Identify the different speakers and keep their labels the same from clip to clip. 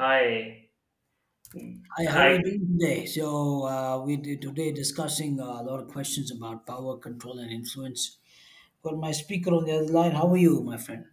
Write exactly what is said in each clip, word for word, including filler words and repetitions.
Speaker 1: Hi.
Speaker 2: Hi, how are
Speaker 1: Hi.
Speaker 2: you doing today? So uh, we did today discussing uh, a lot of questions about power, control, and influence. Got my speaker on the other line. How are you, my friend?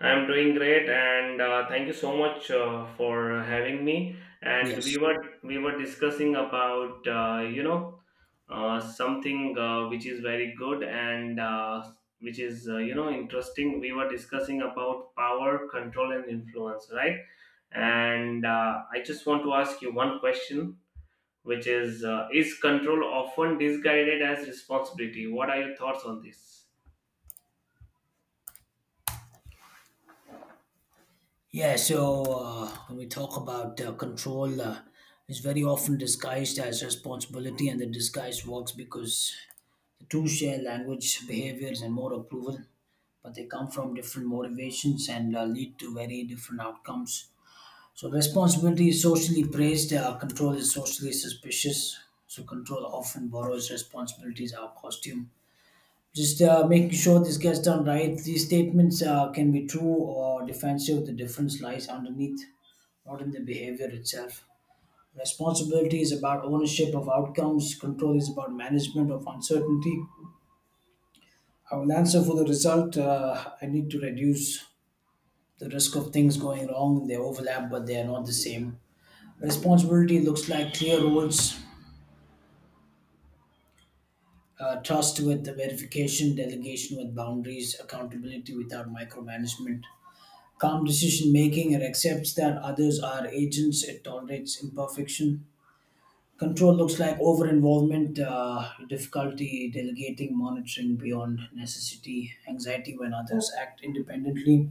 Speaker 1: I'm doing great and uh, thank you so much uh, for having me. And
Speaker 2: Yes.
Speaker 1: we were we were discussing about uh, you know uh, something uh, which is very good and uh, which is uh, you know interesting. We were discussing about power, control, and influence, right? And uh, I just want to ask you one question, which is uh, is control often disguised as responsibility? What are your thoughts on this?
Speaker 2: Yeah. So uh, when we talk about uh, control, uh, it's very often disguised as responsibility, and the disguise works because the two share language, behaviors, and more approval, but they come from different motivations and uh, lead to very different outcomes. So responsibility is socially praised, uh, control is socially suspicious. So control often borrows responsibilities, our costume. Just uh, making sure this gets done right. These statements uh, can be true or defensive. The difference lies underneath, not in the behavior itself. Responsibility is about ownership of outcomes. Control is about management of uncertainty. I will answer for the result. Uh, I need to reduce the risk of things going wrong. They overlap, but they are not the same. Responsibility looks like clear roles, uh, trust with the verification, delegation with boundaries, accountability without micromanagement, calm decision making. It accepts that others are agents, it tolerates imperfection. Control looks like over involvement, uh, difficulty delegating, monitoring beyond necessity, anxiety when others act independently,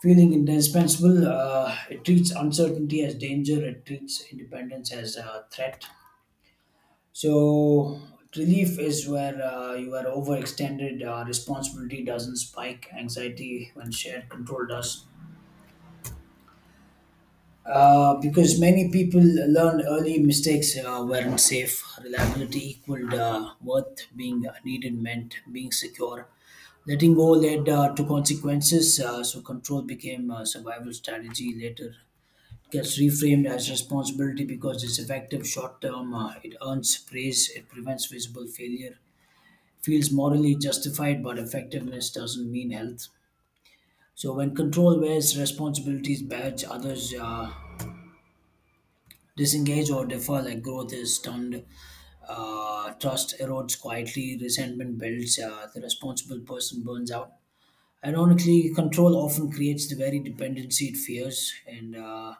Speaker 2: feeling indispensable. Uh, it treats uncertainty as danger, it treats independence as a threat. So relief is where uh, you are overextended. Uh, responsibility doesn't spike. Anxiety when shared control does. Uh, because many people learned early mistakes uh, weren't safe. Reliability equaled uh, worth. Being needed meant being secure. Letting go led uh, to consequences. Uh, so control became a survival strategy later. It gets reframed as responsibility because it's effective short term. Uh, it earns praise. It prevents visible failure, feels morally justified, but effectiveness doesn't mean health. So when control wears responsibilities badge, others uh, disengage or defer. Like growth is stunned, uh, trust erodes quietly, resentment builds. Uh, the responsible person burns out. Ironically, control often creates the very dependency it fears, and uh,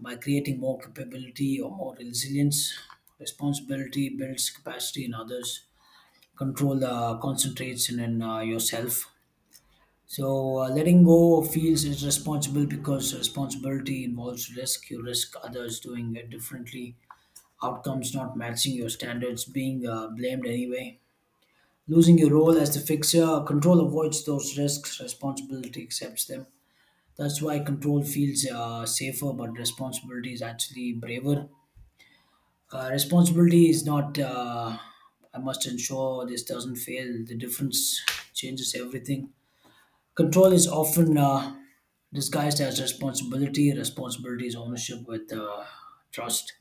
Speaker 2: by creating more capability or more resilience, responsibility builds capacity in others. Control uh, concentrates in, in uh, yourself. So uh, letting go of feels is responsible because responsibility involves risk. You risk others doing it differently, outcomes not matching your standards, being uh, blamed anyway. Losing your role as the fixer, control avoids those risks, responsibility accepts them. That's why control feels uh, safer, but responsibility is actually braver. Uh, responsibility is not, uh, I must ensure this doesn't fail. The difference changes everything. Control is often uh, disguised as responsibility. Responsibility is ownership with uh, trust.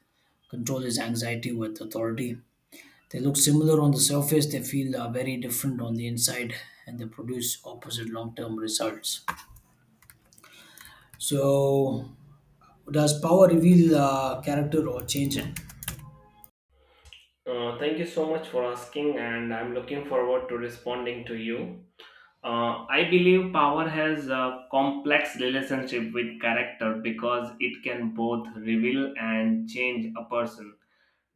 Speaker 2: Control is anxiety with authority. They look similar on the surface, they feel uh, very different on the inside, and they produce opposite long term results. So, does power reveal uh, character or change it?
Speaker 1: Uh, thank you so much for asking, and I'm looking forward to responding to you. Uh, I believe power has a complex relationship with character because it can both reveal and change a person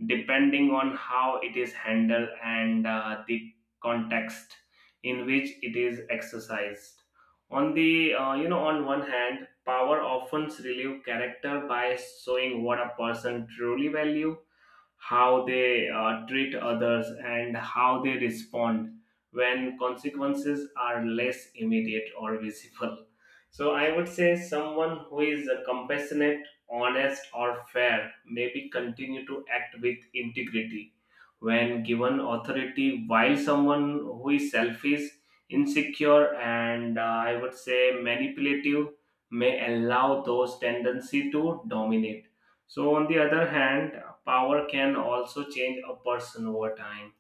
Speaker 1: depending on how it is handled and uh, the context in which it is exercised. On the uh, you know, on one hand, power often reveals character by showing what a person truly values, how they uh, treat others, and how they respond when consequences are less immediate or visible. So, I would say someone who is uh, compassionate, honest, or fair maybe continue to act with integrity when given authority, while someone who is selfish, insecure, and uh, I would say manipulative may allow those tendency to dominate. So, on the other hand, power can also change a person over time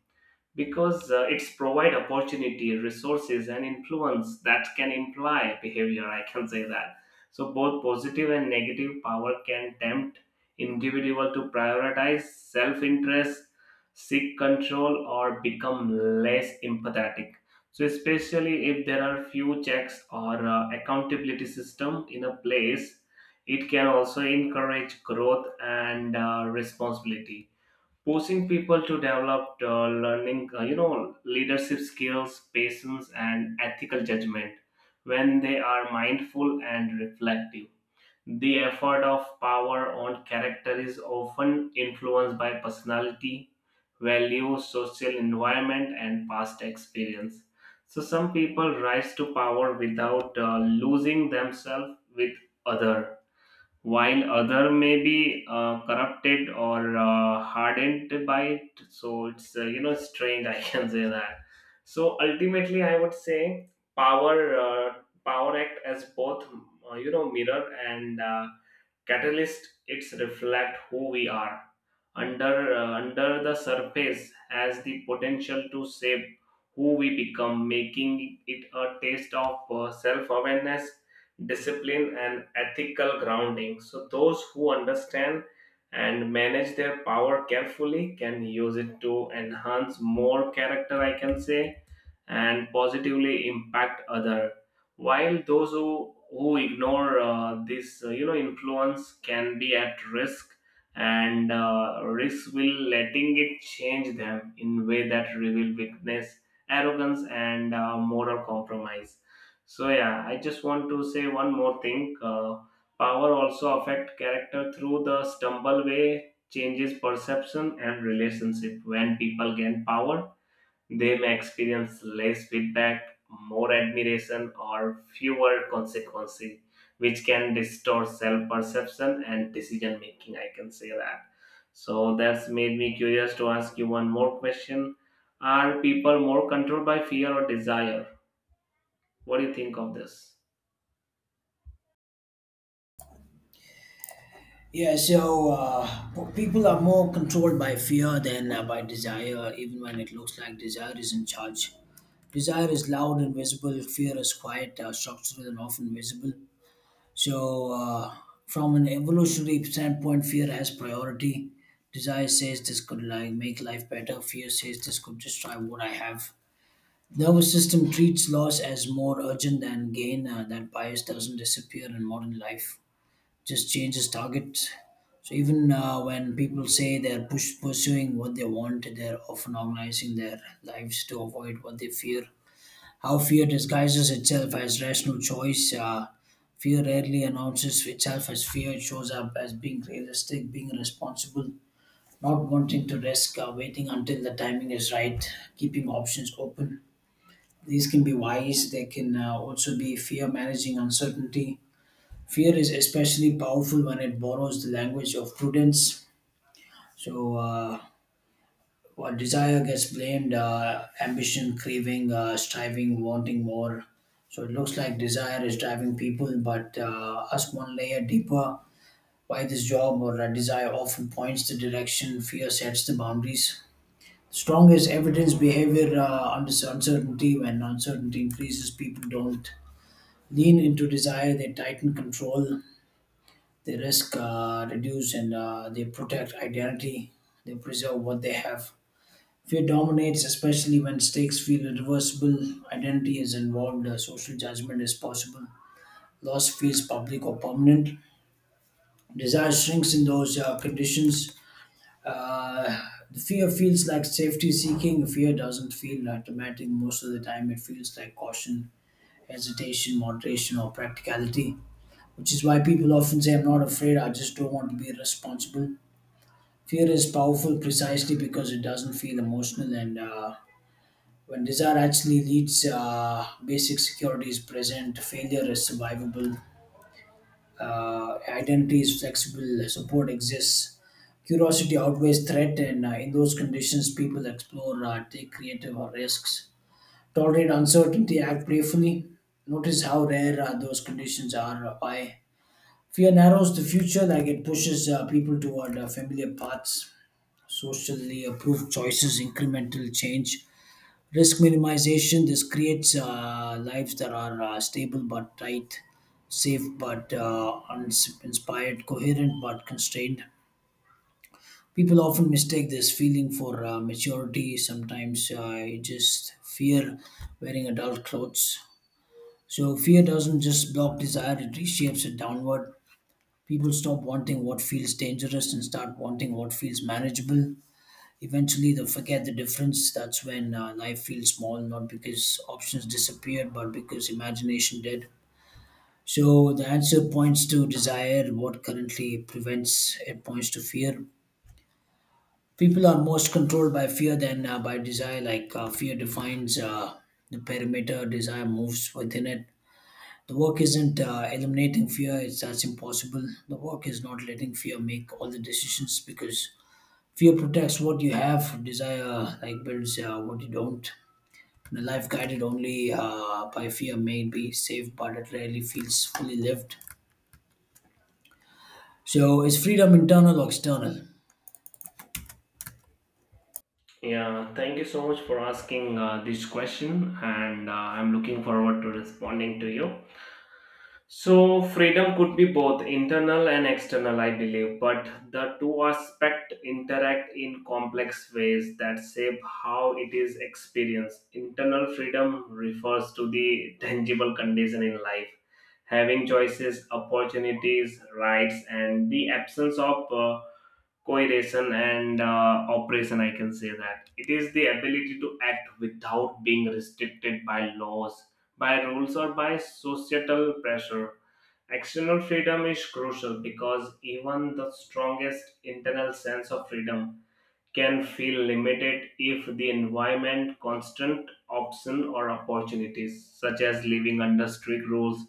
Speaker 1: because uh, it's provide opportunity resources and influence that can imply behavior, I can say that. So both positive and negative power can tempt individual to prioritize self-interest, seek control, or become less empathetic, so especially if there are few checks or uh, accountability system in a place. It can also encourage growth and uh, responsibility, forcing people to develop uh, learning uh, you know leadership skills, patience, and ethical judgment when they are mindful and reflective. The effort of power on character is often influenced by personality, values, social environment, and past experience. So some people rise to power without uh, losing themselves with other, while other may be uh, corrupted or uh, hardened by it. So it's uh, you know strange, I can say that. So ultimately I would say power uh, power act as both uh, you know mirror and uh, catalyst. It's reflect who we are under uh, under the surface, has the potential to shape who we become, making it a test of uh, self awareness, discipline, and ethical grounding. So those who understand and manage their power carefully can use it to enhance more character, I can say, and positively impact other, while those who who ignore uh, this uh, you know influence can be at risk, and uh, risk will letting it change them in way that reveal weakness, arrogance, and uh, moral compromise. So yeah, I just want to say one more thing. Uh, power also affect character through the stumble way changes perception and relationship. When people gain power, they may experience less feedback, more admiration, or fewer consequences, which can distort self perception and decision making. I can say that. So that's made me curious to ask you one more question. Are people more controlled by fear or desire? What do you think of this?
Speaker 2: Yeah, so uh, people are more controlled by fear than uh, by desire, even when it looks like desire is in charge. Desire is loud and visible, fear is quiet, uh, structural, and often visible. So, uh, from an evolutionary standpoint, fear has priority. Desire says this could like make life better. Fear says this could destroy what I have. Nervous system treats loss as more urgent than gain. Uh, that bias doesn't disappear in modern life; just changes target. So even uh, when people say they're push- pursuing what they want, they're often organizing their lives to avoid what they fear, how fear disguises itself as rational choice. Uh, fear rarely announces itself as fear. It shows up as being realistic, being responsible, not wanting to risk, uh, waiting until the timing is right, keeping options open. These can be wise, they can uh, also be fear managing uncertainty. Fear is especially powerful when it borrows the language of prudence. So, uh, what desire gets blamed, uh, ambition, craving, uh, striving, wanting more. So it looks like desire is driving people, but uh, ask one layer deeper, why this job or a desire often points the direction, fear sets the boundaries. Strong is evidence behavior uh, under uncertainty. When uncertainty increases, people don't lean into desire, they tighten control, they risk, uh, reduce, and uh, they protect identity, they preserve what they have. Fear dominates, especially when stakes feel irreversible, identity is involved, uh, social judgment is possible, loss feels public or permanent, desire shrinks in those uh, conditions. Uh, the fear feels like safety seeking, fear doesn't feel uh, dramatic most of the time, it feels like caution, hesitation, moderation, or practicality, which is why people often say, I'm not afraid, I just don't want to be responsible. Fear is powerful precisely because it doesn't feel emotional. And uh, When desire actually leads, uh, basic security is present, failure is survivable, uh, identity is flexible, support exists, curiosity outweighs threat, and uh, in those conditions, people explore, uh, take creative uh, risks, tolerate uncertainty, act playfully. Notice how rare uh, those conditions are. uh, Why? Fear narrows the future, like it pushes uh, people toward uh, familiar paths, socially approved choices, incremental change, risk minimization. This creates uh, lives that are uh, stable but tight, safe but uh, uns- inspired, coherent but constrained. People often mistake this feeling for uh, maturity. Sometimes uh, you just fear wearing adult clothes. So fear doesn't just block desire, it reshapes it downward. People stop wanting what feels dangerous and start wanting what feels manageable. Eventually, they forget the difference. That's when uh, life feels small, not because options disappeared, but because imagination did. So the answer points to desire. What currently prevents it points to fear. People are most controlled by fear than uh, by desire. Like uh, fear defines uh, the perimeter, desire moves within it. The work isn't uh, eliminating fear; it's that's impossible. The work is not letting fear make all the decisions, because fear protects what you have. Desire like builds uh, what you don't. The life guided only uh, by fear may be safe, but it rarely feels fully lived. So, is freedom internal or external?
Speaker 1: Yeah, thank you so much for asking uh, this question, and uh, I'm looking forward to responding to you. So freedom could be both internal and external, I believe, but the two aspects interact in complex ways that shape how it is experienced. Internal freedom refers to the tangible condition in life, having choices, opportunities, rights, and the absence of uh, coercion and uh, oppression. I can say that it is the ability to act without being restricted by laws, by rules, or by societal pressure. External freedom is crucial because even the strongest internal sense of freedom can feel limited if the environment constant option or opportunities such as living under strict rules,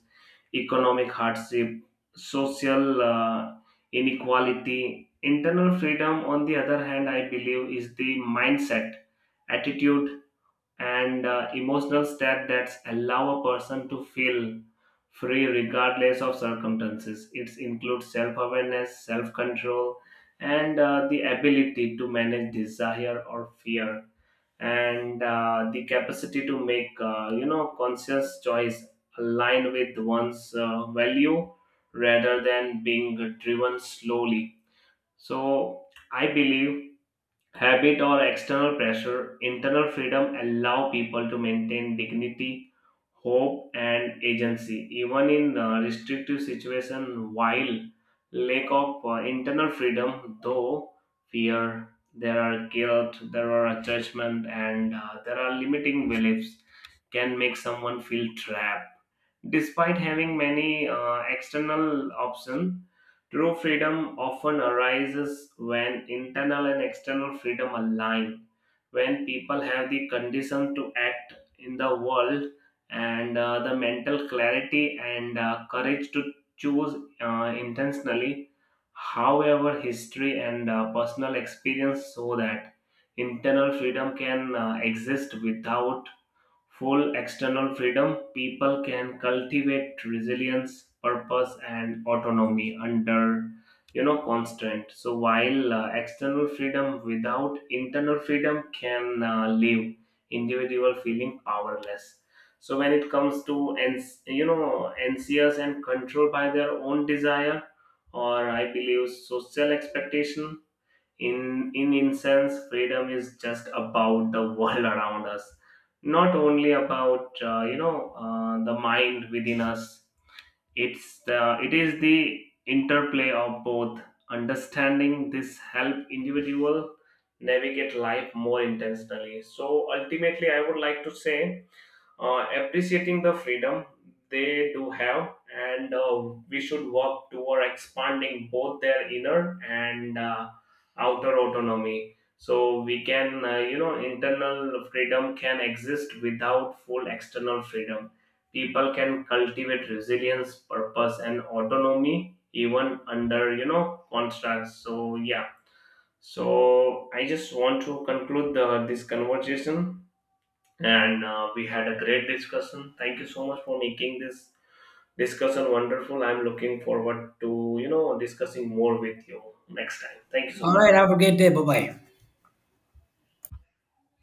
Speaker 1: economic hardship, social uh, inequality. Internal freedom on the other hand, I believe, is the mindset, attitude, and uh, emotional step that allow a person to feel free regardless of circumstances. It includes self-awareness, self-control, and uh, the ability to manage desire or fear, and uh, the capacity to make uh, you know conscious choice aligned with one's uh, value rather than being driven slowly. So I believe habit or external pressure, internal freedom allow people to maintain dignity, hope, and agency, even in uh, restrictive situation. While lack of uh, internal freedom, though fear, there are guilt, there are judgment, and uh, there are limiting beliefs, can make someone feel trapped despite having many uh, external options. True freedom often arises when internal and external freedom align, when people have the condition to act in the world and uh, the mental clarity and uh, courage to choose uh, intentionally. However, history and uh, personal experience show that internal freedom can uh, exist without full external freedom. People can cultivate resilience, purpose, and autonomy under you know constant. So while uh, external freedom without internal freedom can uh, leave individual feeling powerless. So when it comes to ans- you know anxious and controlled by their own desire or I believe social expectation, in in essence freedom is just about the world around us, not only about uh, you know uh, the mind within us. It's the it is the interplay of both. Understanding this help individual navigate life more intentionally. So ultimately I would like to say, uh, appreciating the freedom they do have, and uh, we should work toward expanding both their inner and uh, outer autonomy, so we can uh, you know internal freedom can exist without full external freedom. People can cultivate resilience, purpose, and autonomy even under you know constructs. So yeah, so I just want to conclude the, this conversation, and uh, we had a great discussion. Thank you so much for making this discussion wonderful. I'm looking forward to you know discussing more with you next time. Thank you so
Speaker 2: All
Speaker 1: much.
Speaker 2: right. Have a great day. Bye bye.